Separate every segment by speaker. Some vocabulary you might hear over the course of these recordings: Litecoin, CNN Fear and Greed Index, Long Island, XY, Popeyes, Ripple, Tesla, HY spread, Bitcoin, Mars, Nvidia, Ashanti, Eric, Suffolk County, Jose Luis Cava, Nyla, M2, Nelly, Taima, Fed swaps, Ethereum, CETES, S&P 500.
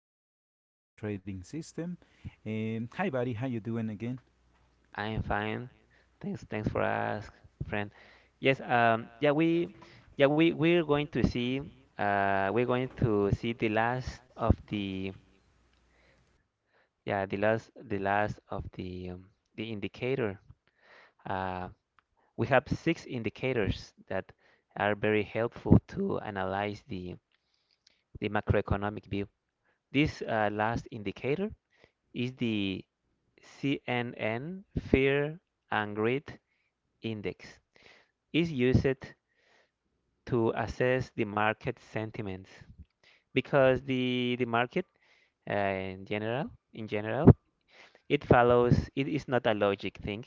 Speaker 1: of the personal trading system. Hi, buddy. How you doing again?
Speaker 2: I'm fine. Thanks for ask, friend. Yes, um, yeah, we, yeah, we, we're going to see, we're going to see the last of the, yeah, the last, the indicator. Uh, we have six indicators that are very helpful to analyze the macroeconomic view. This last indicator is the CNN Fear and Greed Index. Is used to assess the market sentiments because the market, uh, in general, it follows. It is not a logic thing.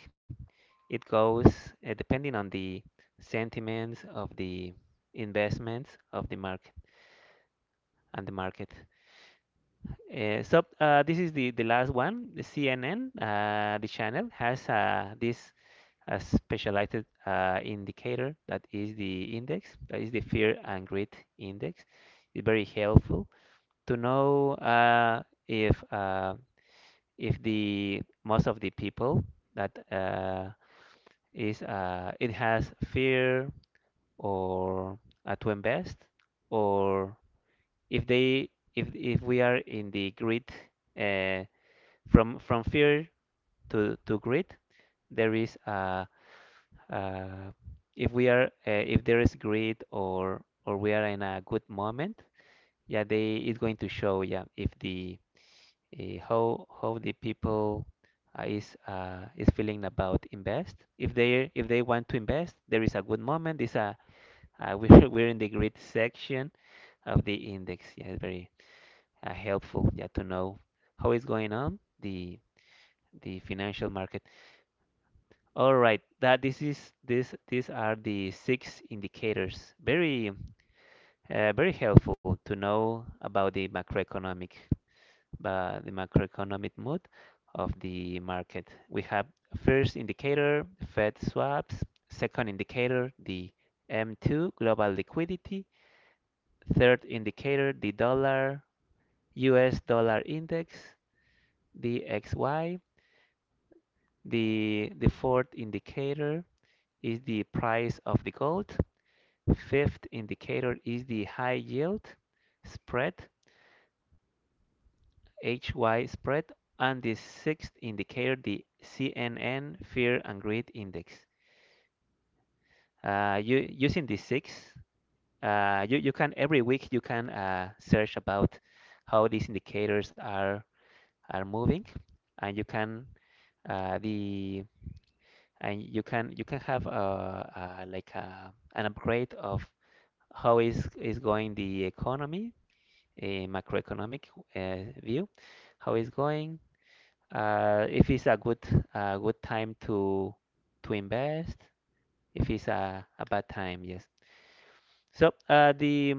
Speaker 2: It goes, depending on the sentiments of the investments of the market and the market. This is the last one. The CNN, the channel, has this a specialized indicator that is the index, that is the fear and greed index. It's very helpful to know if the most of the people that is it has fear, or to invest, or if they, if we are in the greed. Uh, from from fear to greed, there is uh, if we are, if there is greed, or we are in a good moment. Yeah, they, it's going to show, yeah, if the, eh, how the people is feeling about invest. If they, if they want to invest, there is a good moment. This we're in the grid section of the index. Yeah, it's very helpful. Yeah, to know how is going on the financial market. All right, that this is this these are the six indicators. Very very helpful to know about the macroeconomic, by the macroeconomic mood of the market. We have first indicator, Fed swaps; second indicator, the M2, global liquidity; third indicator, the dollar, US dollar index, the XY; the fourth indicator is the price of the gold; fifth indicator is the high yield spread, HY spread; and the sixth indicator, the CNN Fear and Greed Index. Using the six, you can every week you can search about how these indicators are moving, and you can uh, the you can have a like an upgrade of how is going the economy, a macroeconomic view, how is going, if it's a good time to invest, if it's a bad time, yes. So uh, the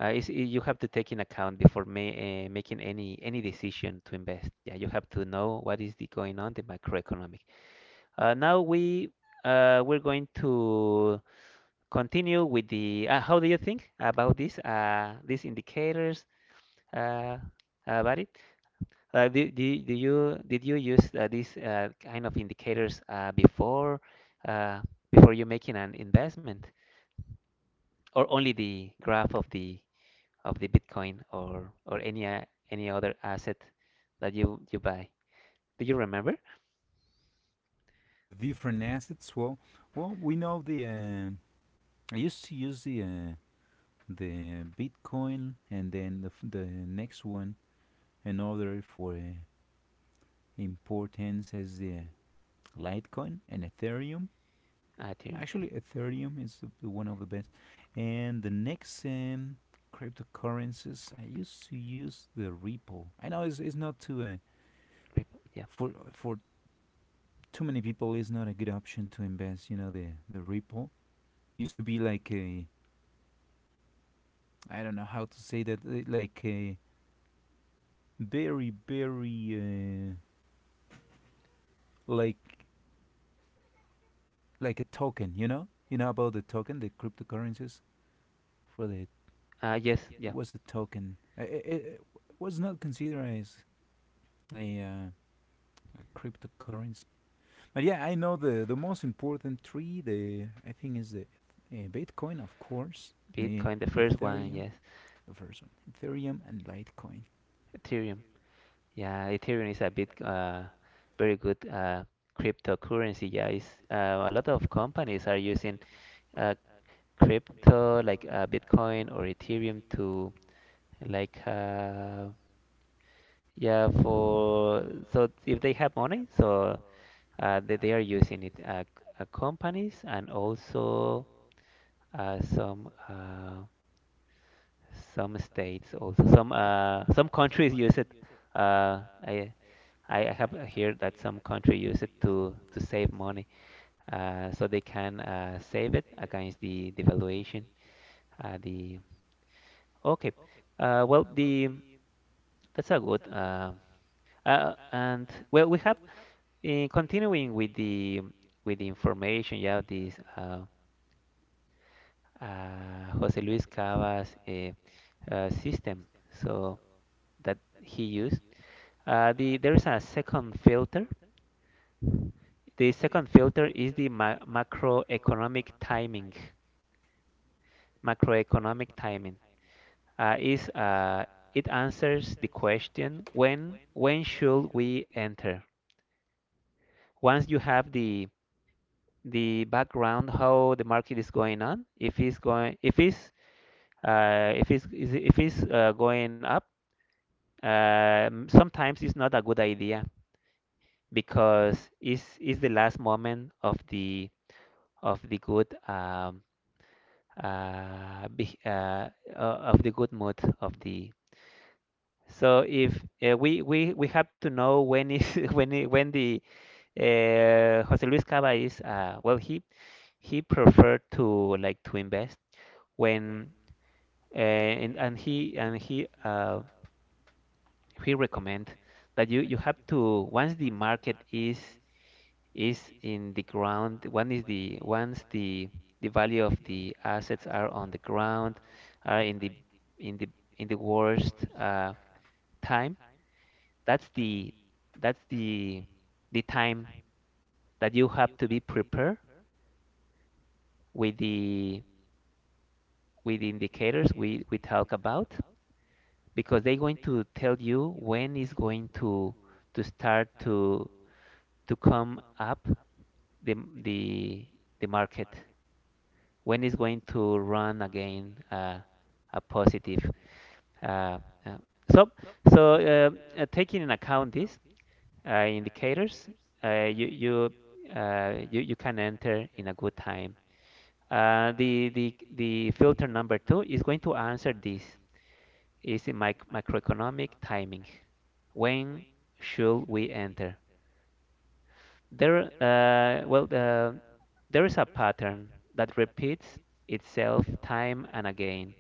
Speaker 2: you have to take in account before ma making any decision to invest. Yeah, you have to know what is the going on the macroeconomic. Now we We're going to continue with the. How do you think about this? These indicators, uh, Barry? Do you, did you use these kind of indicators uh, before you making an investment, or only the graph of the Bitcoin, or any other asset that you buy? Do you remember?
Speaker 1: The different assets. Well, we know the. I used to use the the Bitcoin and then the next one another for importance is the Litecoin and Ethereum.
Speaker 2: Ethereum, yeah.
Speaker 1: Actually, Ethereum is one of the best. And the next cryptocurrencies, I used to use the Ripple. I know it's not too
Speaker 2: Ripple, yeah.
Speaker 1: for too many people. It's not a good option to invest. You know the Ripple used to be like a, I don't know how to say that like a very very uh, like like a token. You know about the token, the cryptocurrencies for the,
Speaker 2: Yes, yeah.
Speaker 1: it was a token. It was not considered as a a cryptocurrency. But yeah, I know the most important three. The I think is the Bitcoin, of course, the
Speaker 2: Bitcoin, the first one,
Speaker 1: Ethereum,
Speaker 2: yes.
Speaker 1: the first one, Ethereum and Litecoin.
Speaker 2: Ethereum, yeah. Ethereum is a bit very good cryptocurrency. Yeah, it's, a lot of companies are using uh, crypto, like Bitcoin or Ethereum, to like yeah for, so if they have money, so they are using it, companies, and also uh, some uh, some states, also some countries use it. uh, I I have heard that some country use it to save money, so they can save it against the devaluation. The okay well, the That's a good. And well, we have, continuing with the information. Yeah, this Jose Luis Cava's system. So that he used. The there is a second filter. The second filter is the ma macroeconomic timing. Macroeconomic timing is it answers the question, when should we enter? Once you have the background, how the market is going on, if it's going, if uh, if it's, if it's going up, sometimes it's not a good idea because it's the last moment of the of the of the good mood of the. So if, we we have to know when is when the Jose Luis Cava is, well, he preferred to like to invest when. Eh, and he He recommend that you have to once the market is in the ground. One is the, once the value of the assets are on the ground, are in the in the in the worst time, that's the that's the time that you have to be prepared with the with the indicators we talk about, because they're going to tell you when is going to start to come up the the the market, when is going to run again, a positive. Uh, uh, so Taking in account these indicators, uh, you you you you can enter in a good time. The filter number two is going to answer this, is in macroeconomic timing. When should we enter? There, uh, well, the, there is a pattern that repeats itself time and again.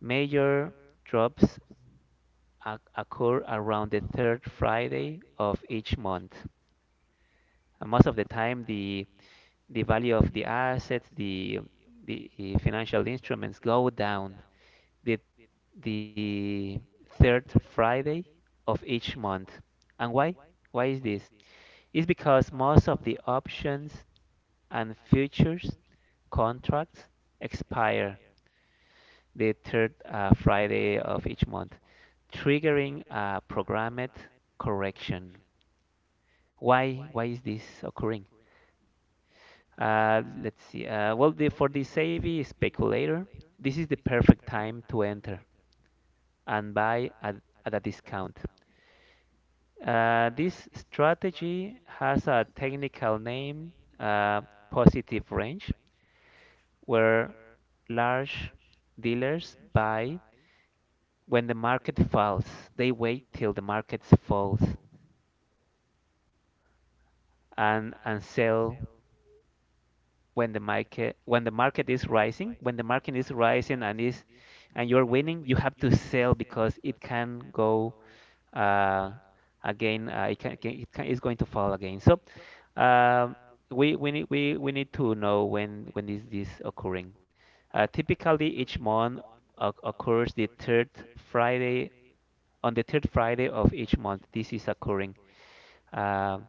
Speaker 2: Major drops occur around the third Friday of each month. And most of the time, the value of the assets, the financial instruments go down. The the third Friday of each month. And why? Why is this? It's because most of the options and futures contracts expire the third Friday of each month, triggering a programmed correction. Why? Why is this occurring? Let's see. For the savvy speculator, this is the perfect time to enter and buy at a discount. This strategy has a technical name, uh, positive range, where large dealers buy when the market falls. They wait till the market falls and sell when the market, when the market is rising. When the market is rising and is and you're winning, you have to sell because it can go uh, again. It can, it's going to fall again. So, um, we need to know when is this occurring. Typically, each month occurs the third Friday on the third Friday of each month. This is occurring, um,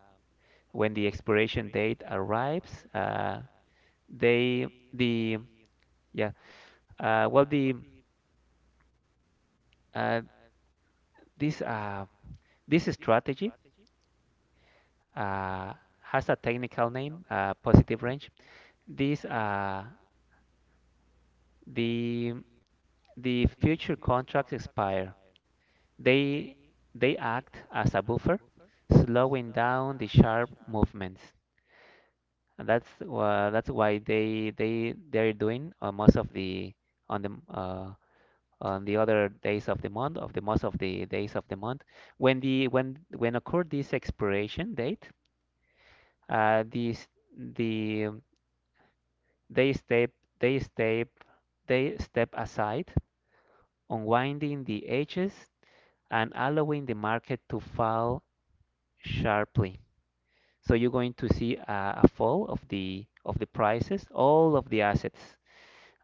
Speaker 2: when the expiration date arrives. They the yeah well the uh, this this strategy uh, has a technical name, positive range. These the the future contracts expire. They they act as a buffer, slowing down the sharp movements. And that's why they they're doing on most of the on the on the other days of the month, of the most of the days of the month. When the when occurred this expiration date, these the they step, they step, they step aside, unwinding the edges and allowing the market to fall sharply. So you're going to see a fall of the prices, all of the assets,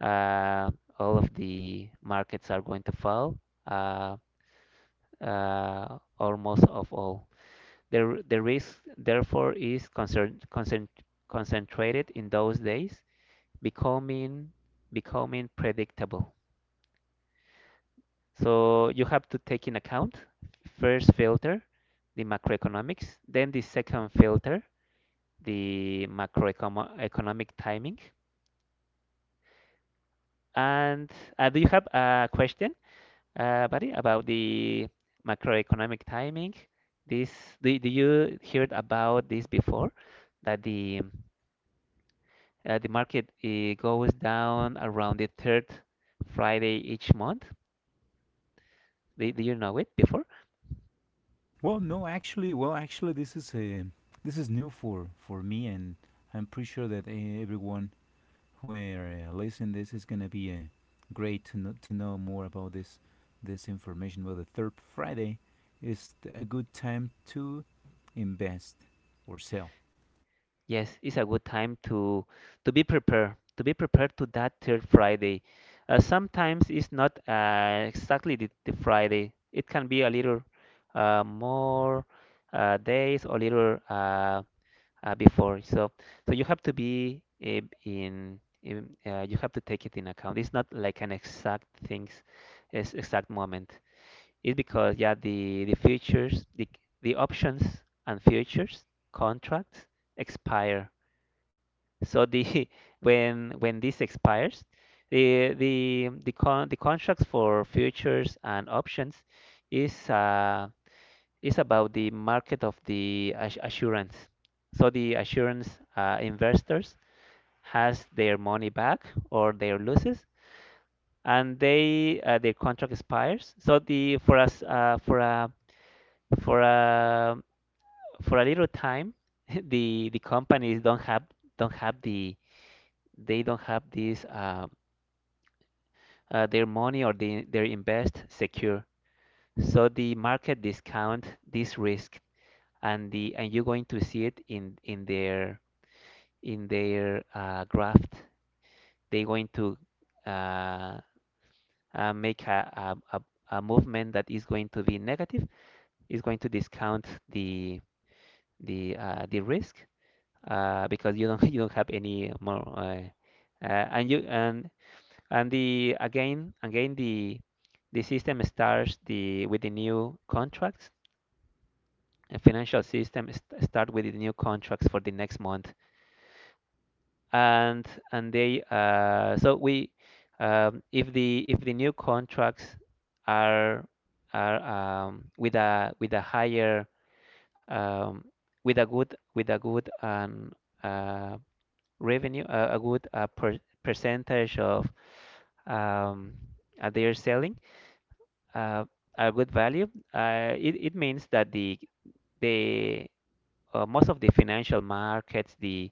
Speaker 2: uh, all of the markets are going to fall, uh, almost of all. The risk, therefore, is concentrated in those days, becoming becoming predictable. So you have to take in account first filter, the macroeconomics, then the second filter, the macroeconomic timing. And do you have a question, buddy, about the macroeconomic timing? This, do you heard about this before? That the market goes down around the third Friday each month. Do you know it before?
Speaker 1: Well, no, actually, well, actually, this is new for me, and I'm pretty sure that everyone who are listening this is gonna be great to know more about this this information. Well, the third Friday is a good time to invest or sell.
Speaker 2: Yes, it's a good time to be prepared, to be prepared to that third Friday. Sometimes it's not exactly the Friday. It can be a little more days, or little before. So, so you have to be in you have to take it in account. It's not like an exact things, exact moment. It's because, yeah, the futures, the options and futures contracts expire. So the when this expires, the con the contracts for futures and options is uh is about the market of the assurance. So the assurance investors has their money back or their losses, and they their contract expires. So the for us, for a for a little time, the companies don't have, don't have the, they don't have this. Their money, or the, their invest secure. So the market discount this risk, and the and you're going to see it in their graph. They're going to uh, make a movement that is going to be negative. Is going to discount the risk, because you don't you don't have any more. Uh, and you and and the again, the system starts the with the new contracts, and financial system start with the new contracts for the next month. And and they, so we, if the new contracts are are with a higher, um, with a good, uh, revenue, a good, percentage of, um, their selling, uh, a good value. It means that the most of the financial markets,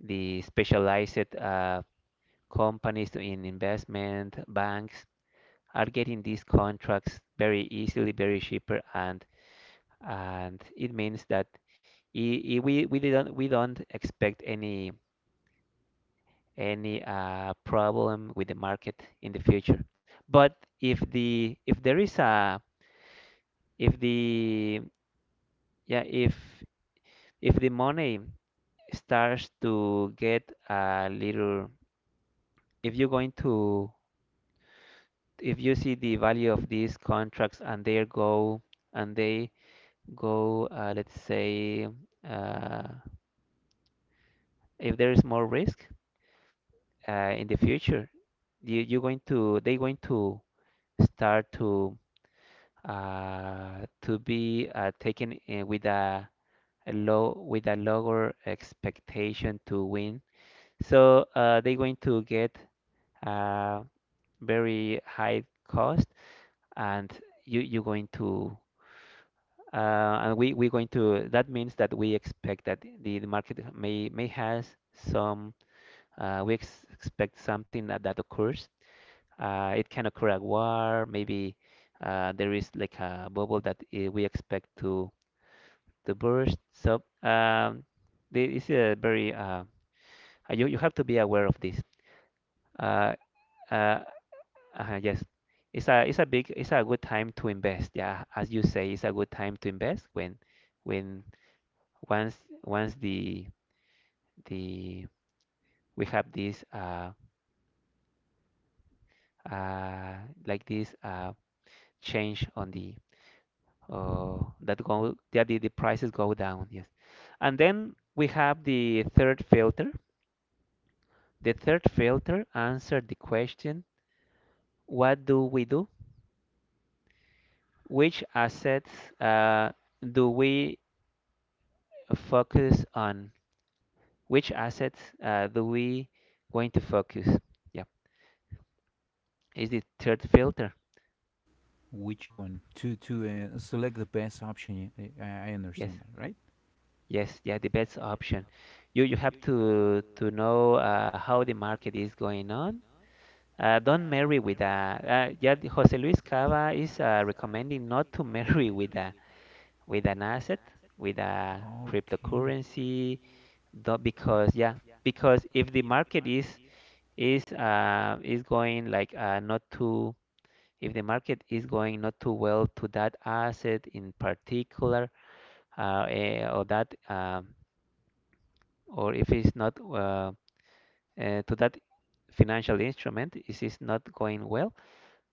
Speaker 2: the specialized, companies in investment banks are getting these contracts very easily, very cheaper, and it means that I we don't expect any problem with the market in the future. But if the yeah, if the money starts to get a little, if you're going to, if you see the value of these contracts and they go, let's say, uh, if there is more risk, in the future, they're going to start to, to be, taken, with a low with a lower expectation to win. So, they're going to get, uh, very high cost. And you're going to, and we're going to, that means that we expect that the market may has some, we ex expect something that, occurs. It can occur a war maybe. There is like a bubble that, we expect to burst. So, this is a very, you have to be aware of this. uh, uh, yes, it's a good time to invest. Yeah, as you say, it's a good time to invest when, when once once the we have this, uh like this, change on the, that go that the prices go down. Yes, and then we have the third filter. The third filter answered the question: what do we do? Which assets, uh do we focus on? Which assets, do we going to focus? Yeah, is the third filter.
Speaker 1: Which one? To to select the best option. I
Speaker 2: Yes,
Speaker 1: understand that, right?
Speaker 2: yes, yeah, the best option. You have to know, how the market is going on. Don't marry with a, yeah, the Jose Luis Cava is, recommending not to marry with a, with an asset with a
Speaker 1: Okay.
Speaker 2: cryptocurrency. Do Because, yeah, because if the market is, is going like, not too if the market is going not too well to that asset in particular, or that, or if it's not, to that financial instrument, if it's not going well,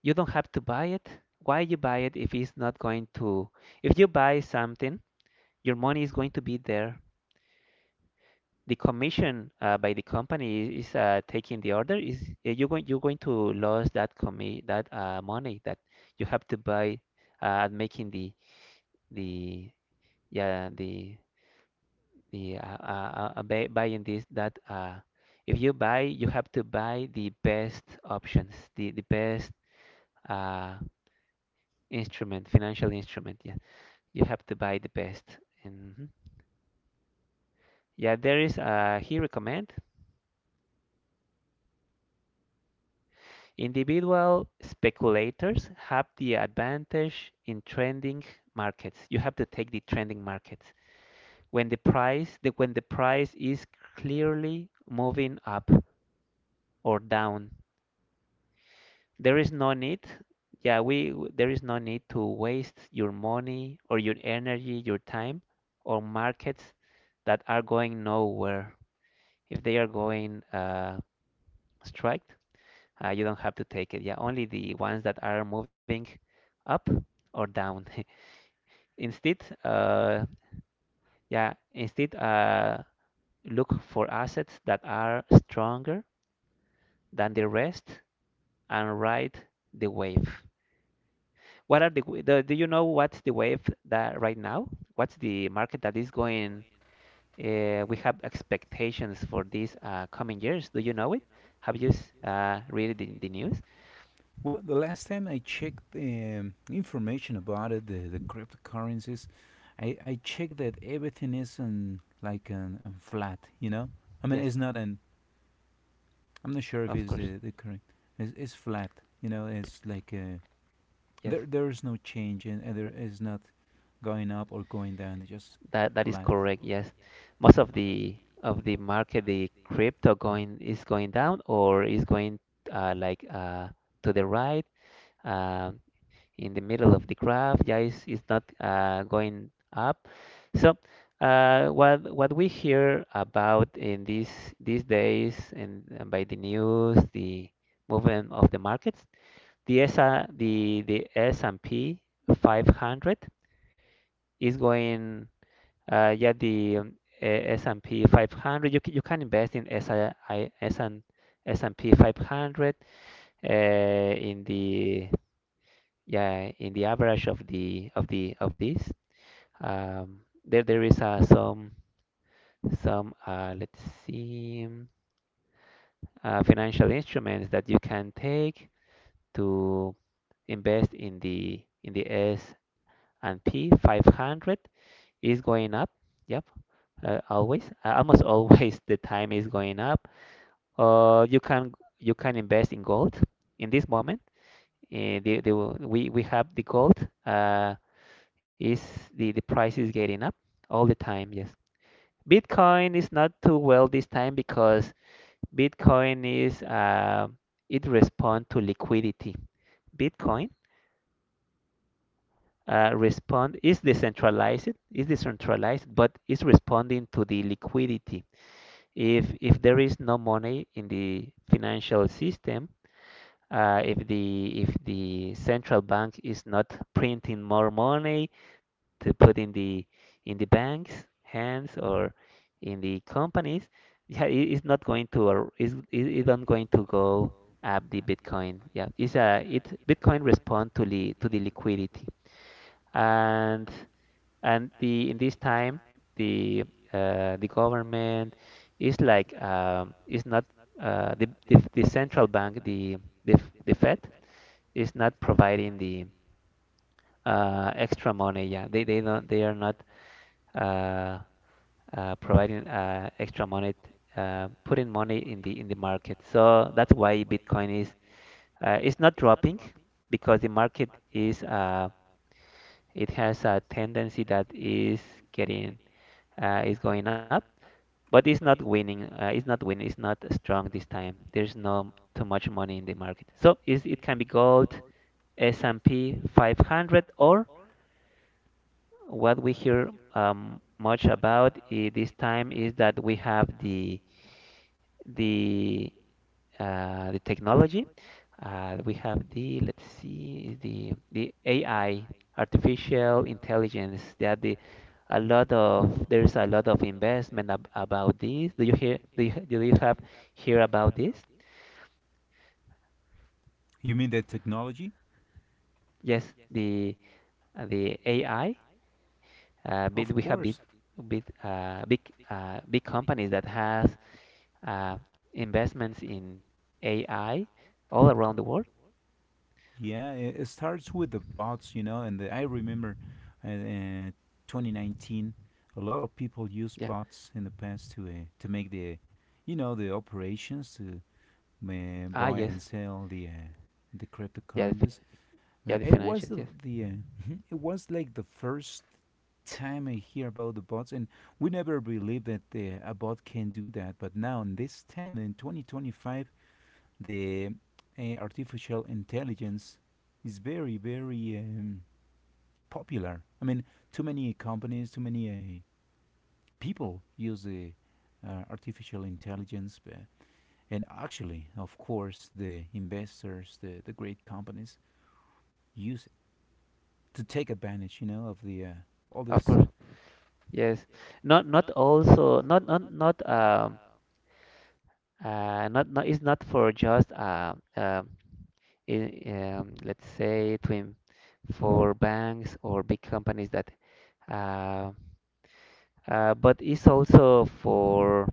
Speaker 2: you don't have to buy it. Why you buy it if it's not going to? If you buy something, your money is going to be there. The commission, by the company is, taking the order. Is, you're going to lose that commi that money that you have to buy, making the, the yeah, the buying this that, if you buy, you have to buy the best options, the best, uh, instrument, financial instrument. Yeah, you have to buy the best. Mhm. Yeah, there is. He recommend individual speculators have the advantage in trending markets. You have to take the trending markets when when the price is clearly moving up or down. There is no need. Yeah, there is no need to waste your money or your energy, your time on markets that are going nowhere. If they are going, strike, you don't have to take it. Yeah, only the ones that are moving up or down. Instead, yeah, instead look for assets that are stronger than the rest and ride the wave. What are the, w- the Do you know what's the wave that right now? What's the market that is going? We have expectations for these, coming years. Do you know it? Have you, read the news?
Speaker 1: Well, the last time I checked information about it, the cryptocurrencies, I checked that everything is on like an flat, you know. I mean,
Speaker 2: Yes,
Speaker 1: it's not an. I'm not sure if
Speaker 2: of
Speaker 1: it's
Speaker 2: course.
Speaker 1: the correct. It's flat, you know. It's like there
Speaker 2: Yes,
Speaker 1: there is no change and there is not going up or going down. It's just
Speaker 2: that is
Speaker 1: flat.
Speaker 2: correct. Yes, most of the market, the crypto going is going down or is going, like, to the right. Um in the middle of the graph. Yeah, it's not, going up. So, what we hear about in these days, and by the news, the movement of the markets, the S and P 500 is going. Yeah, the, S and P 500. You can invest in S and P 500, in the, yeah, in the average of the of this, um, there is, some, let's see, financial instruments that you can take to invest in the S and P 500 is going up. Yep, always, almost always the time is going up. uh, you can you can invest in gold in this moment. uh, the, the, we have the gold, is the price is getting up all the time, yes. Bitcoin is not too well this time because Bitcoin is, it respond to liquidity. Bitcoin, respond is decentralized, but it's responding to the liquidity. If there is no money in the financial system, if the central bank is not printing more money, to put in the banks hands or in the companies, yeah, it's not going to, or is it not going to go up the Bitcoin. Yeah, it's a it Bitcoin respond to the liquidity. And and the in this time the the government is like, is not, the central bank, the Fed is not providing the, extra money. Yeah, they are not, uh, providing, extra money, putting money in the market. So that's why Bitcoin is, it's not dropping because the market is, it has a tendency that is getting, is going up, but it's not winning. It's not winning. It's not strong this time. There's no too much money in the market. So is it can be gold, S&P 500, or what we hear, much about this time is that we have the the technology. We have the let's see the AI, artificial intelligence. That the a lot of there's a lot of investment ab about this. Do you hear? Do you have hear about this?
Speaker 1: You mean the technology?
Speaker 2: Yes, the the AI.
Speaker 1: Of
Speaker 2: We have
Speaker 1: course.
Speaker 2: big uh, big big companies that has, uh, investments in AI all around the world.
Speaker 1: Yeah, it starts with the bots, you know, and I remember uh, uh, 2019, a lot of people used
Speaker 2: Yeah.
Speaker 1: bots in the past to make the, you know, the operations to
Speaker 2: Ah,
Speaker 1: buy
Speaker 2: yes.
Speaker 1: and sell the
Speaker 2: Yeah,
Speaker 1: cryptocurrencies.
Speaker 2: yeah, the
Speaker 1: It was
Speaker 2: financial, yes.
Speaker 1: the it was like the first time I hear about the bots, and we never believed that a bot can do that. But now, in this time in 2025, the artificial intelligence is very very popular. I mean, too many companies, too many people use the artificial intelligence, and actually, of course, the investors, the great companies use it to take advantage, you know, of the all
Speaker 2: Of
Speaker 1: this,
Speaker 2: course. Yes. Not also not not it's not for just, in, let's say twin for banks or big companies that, uh, but it's also for,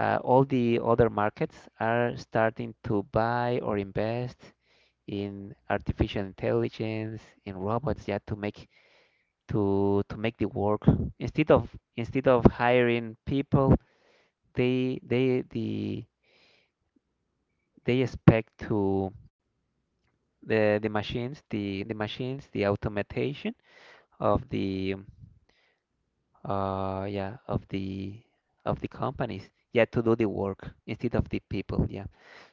Speaker 2: all the other markets are starting to buy or invest in artificial intelligence, in robots, yeah, to make, to make the work instead of, hiring people. they they the they expect to, the machines the automation of the, yeah, of the companies, yeah, to do the work instead of the people. Yeah,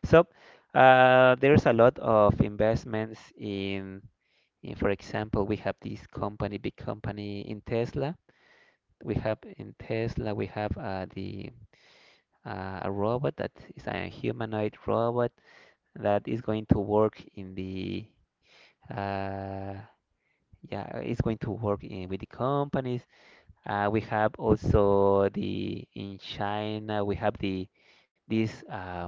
Speaker 2: so, there's a lot of investments in, for example, we have this company, big company in Tesla. We have in Tesla we have the a robot that is a humanoid robot that is going to work in the, uh, yeah, it's going to work in with the companies. We have also the in China we have the this, uh,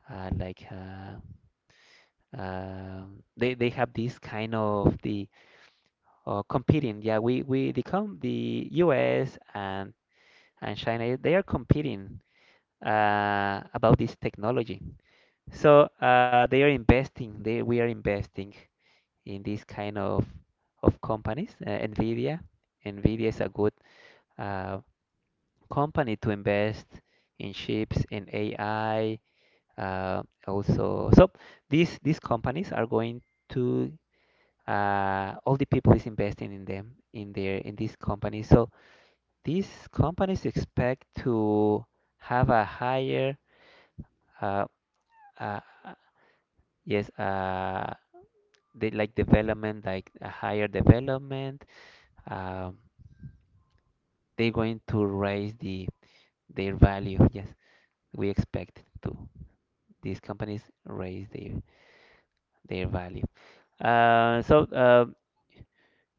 Speaker 2: uh, like, they have this kind of the competing. Yeah, we the com the U.S. And China they are competing, about this technology. So, they are investing. They We are investing in this kind of companies. Nvidia is a good, uh, company to invest in chips and AI. Uh, also, so these companies are going to, all the people is investing in them in their in these companies. So these companies expect to have a higher, uh, uh, yes, they like development, like a higher development. Um, they're going to raise their value. Yes, we expect to these companies raise their value. Uh, so uh,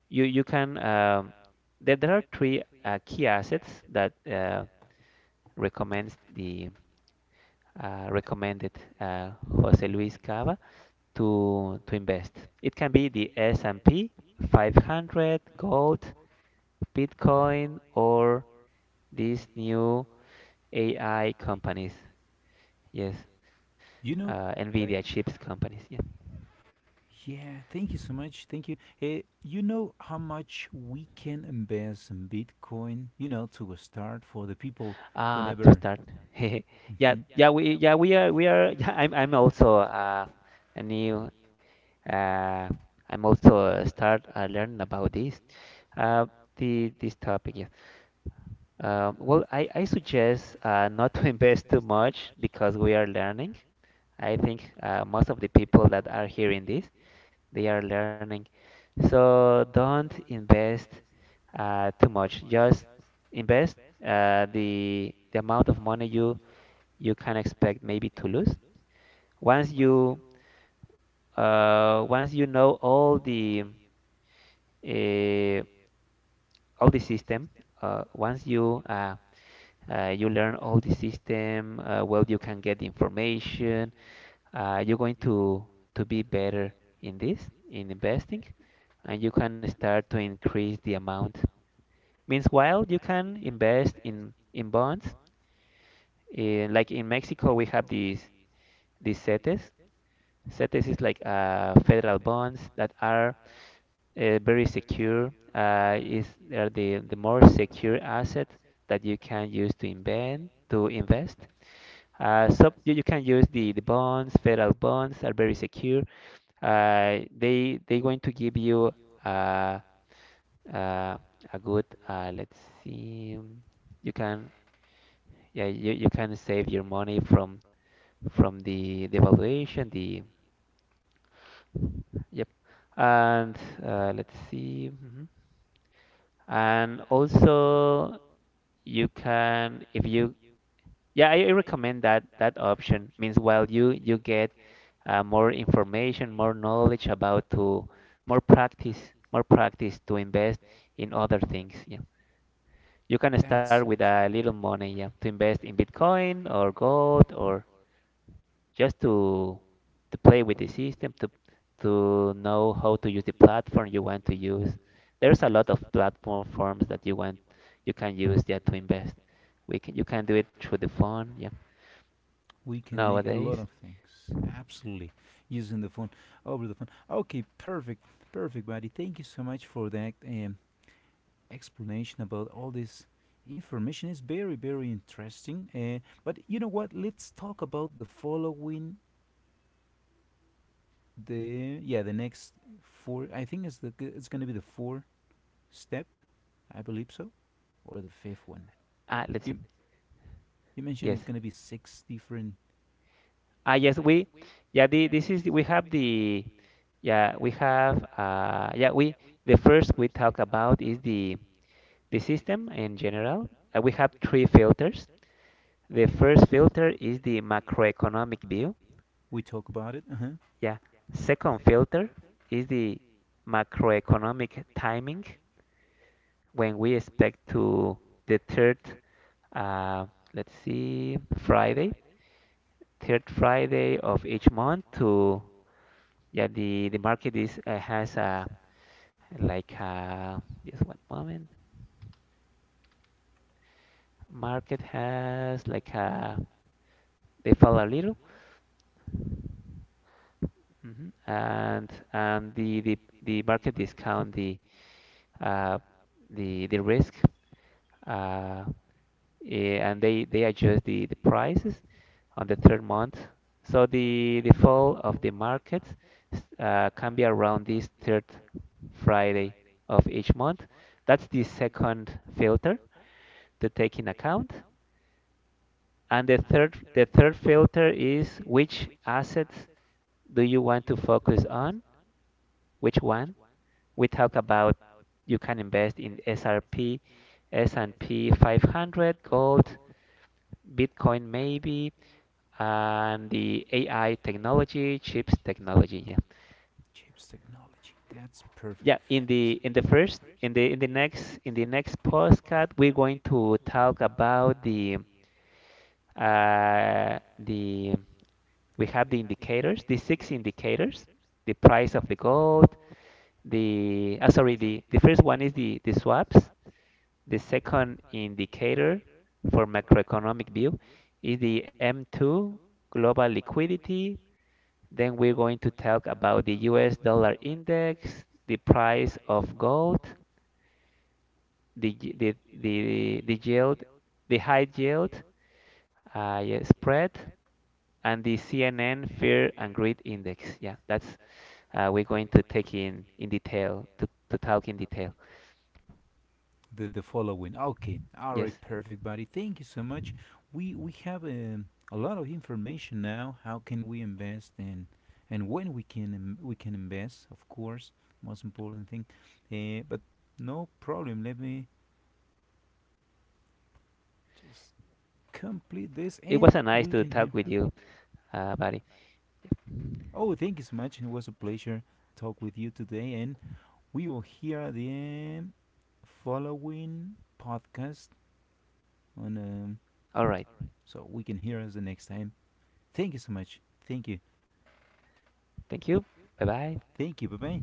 Speaker 2: you you can, there there are 3 key assets that recommends the recommended uh, Jose Luis Cava to invest. It can be the S&P 500, gold, Bitcoin, or these new AI companies. Yes,
Speaker 1: you know,
Speaker 2: Nvidia
Speaker 1: by.
Speaker 2: chips companies. Yeah.
Speaker 1: Yeah, thank you so much. Thank you. Eh, you know how much we can invest in Bitcoin, you know, to start for the people who
Speaker 2: Ah, to
Speaker 1: never.
Speaker 2: start. Yeah,
Speaker 1: Mhm. You
Speaker 2: yeah, we are. Yeah, I'm also a new. Uh, I'm also start learning about this. Uh, the this topic. Yeah. Well, I suggest not to invest too much because we are learning. I think most of the people that are hearing this, they are learning. So don't invest too much. Just invest the amount of money you you can expect maybe to lose. Once you Once you know uh, all the system, once you you learn all the system. Uh, well, you can get the information. You're going to be better in this in investing, and you can start to increase the amount. Meanwhile, you can invest in bonds. In, like in Mexico, we have these CETES. CETES is like federal bonds that are very secure. Is they are the more secure asset that you can use to invest. To invest. So you you can use the bonds. Federal bonds are very secure. They going to give you uh, uh, a good let's see. You can, yeah, you can save your money from the evaluation, the, yep. And Let's see. Mhm. And also you can, if you, yeah, I recommend that that option. Means while you get more information, more knowledge about, to more practice, more practice to invest in other things. Yeah. You can
Speaker 1: can. That.
Speaker 2: start with a little money, yeah, to invest in Bitcoin or gold, or just to play with the system, to know how to use the platform you want to use. There's a lot of platform forms that you want, you can use, yeah, to invest. We can You can do it through the phone, yeah.
Speaker 1: We can make a lot
Speaker 2: Nowadays.
Speaker 1: of things. Absolutely. Using the phone, over the phone. Okay, perfect. Perfect, buddy. Thank you so much for that. Explanation about all this information is very very interesting but you know what, let's talk about the following, the, yeah, the next four. I think it's the g- it's going to be the four step, I believe so, or the fifth one.
Speaker 2: Ah, let's see.
Speaker 1: you you mentioned
Speaker 2: Yes.
Speaker 1: it's going to be six different.
Speaker 2: Ah, yes, we yeah, the, this is we have the yeah, we have yeah, we The first we talk about is the system in general. We have 3 filters. The first filter is the macroeconomic view.
Speaker 1: We talk about it, uh-huh.
Speaker 2: Yeah. Second filter is the macroeconomic timing when we expect to the third. uh, let's see, Friday, third Friday of each month. The market is has a like a, just one moment. Market has like a, they fall a little, mhm, and the market discount the uh the risk, uh and they adjust the prices on the third month. So the fall of the markets can be around this third Friday of each month. That's the second filter to take in account. And the third filter is, which assets do you want to focus on? Which one? We talk about: you can invest in SRP, S and p 500, gold, Bitcoin maybe, and the AI technology, chips technology. Yeah,
Speaker 1: Chips technology, that's perfect.
Speaker 2: yeah. In the next, postcard, we're going to talk about the we have the indicators, the 6 indicators: the price of the gold, the, sorry, the first one is the swaps; the second indicator for macroeconomic view is the M2 global liquidity. Then we're going to talk about the US dollar index, the price of gold, the yield, the high yield, yeah, spread, and the CNN fear and greed index. Yeah, that's, we're going to take in detail, to talk in detail.
Speaker 1: The following. Okay, all right,
Speaker 2: Yes,
Speaker 1: perfect, buddy. Thank you so much. We have a lot of information now. How can we invest and when we can invest? Of course, most important thing. But no problem. Let me just complete this,
Speaker 2: it
Speaker 1: and
Speaker 2: was a nice
Speaker 1: we
Speaker 2: to
Speaker 1: can
Speaker 2: talk
Speaker 1: hear.
Speaker 2: with you, buddy. Yeah.
Speaker 1: Oh, thank you so much. It was a pleasure talk with you today, and we will hear the following podcast on
Speaker 2: All right,
Speaker 1: so we can hear us the next time. Thank you so much. Thank you.
Speaker 2: thank you. Bye bye.
Speaker 1: Thank you. Bye bye.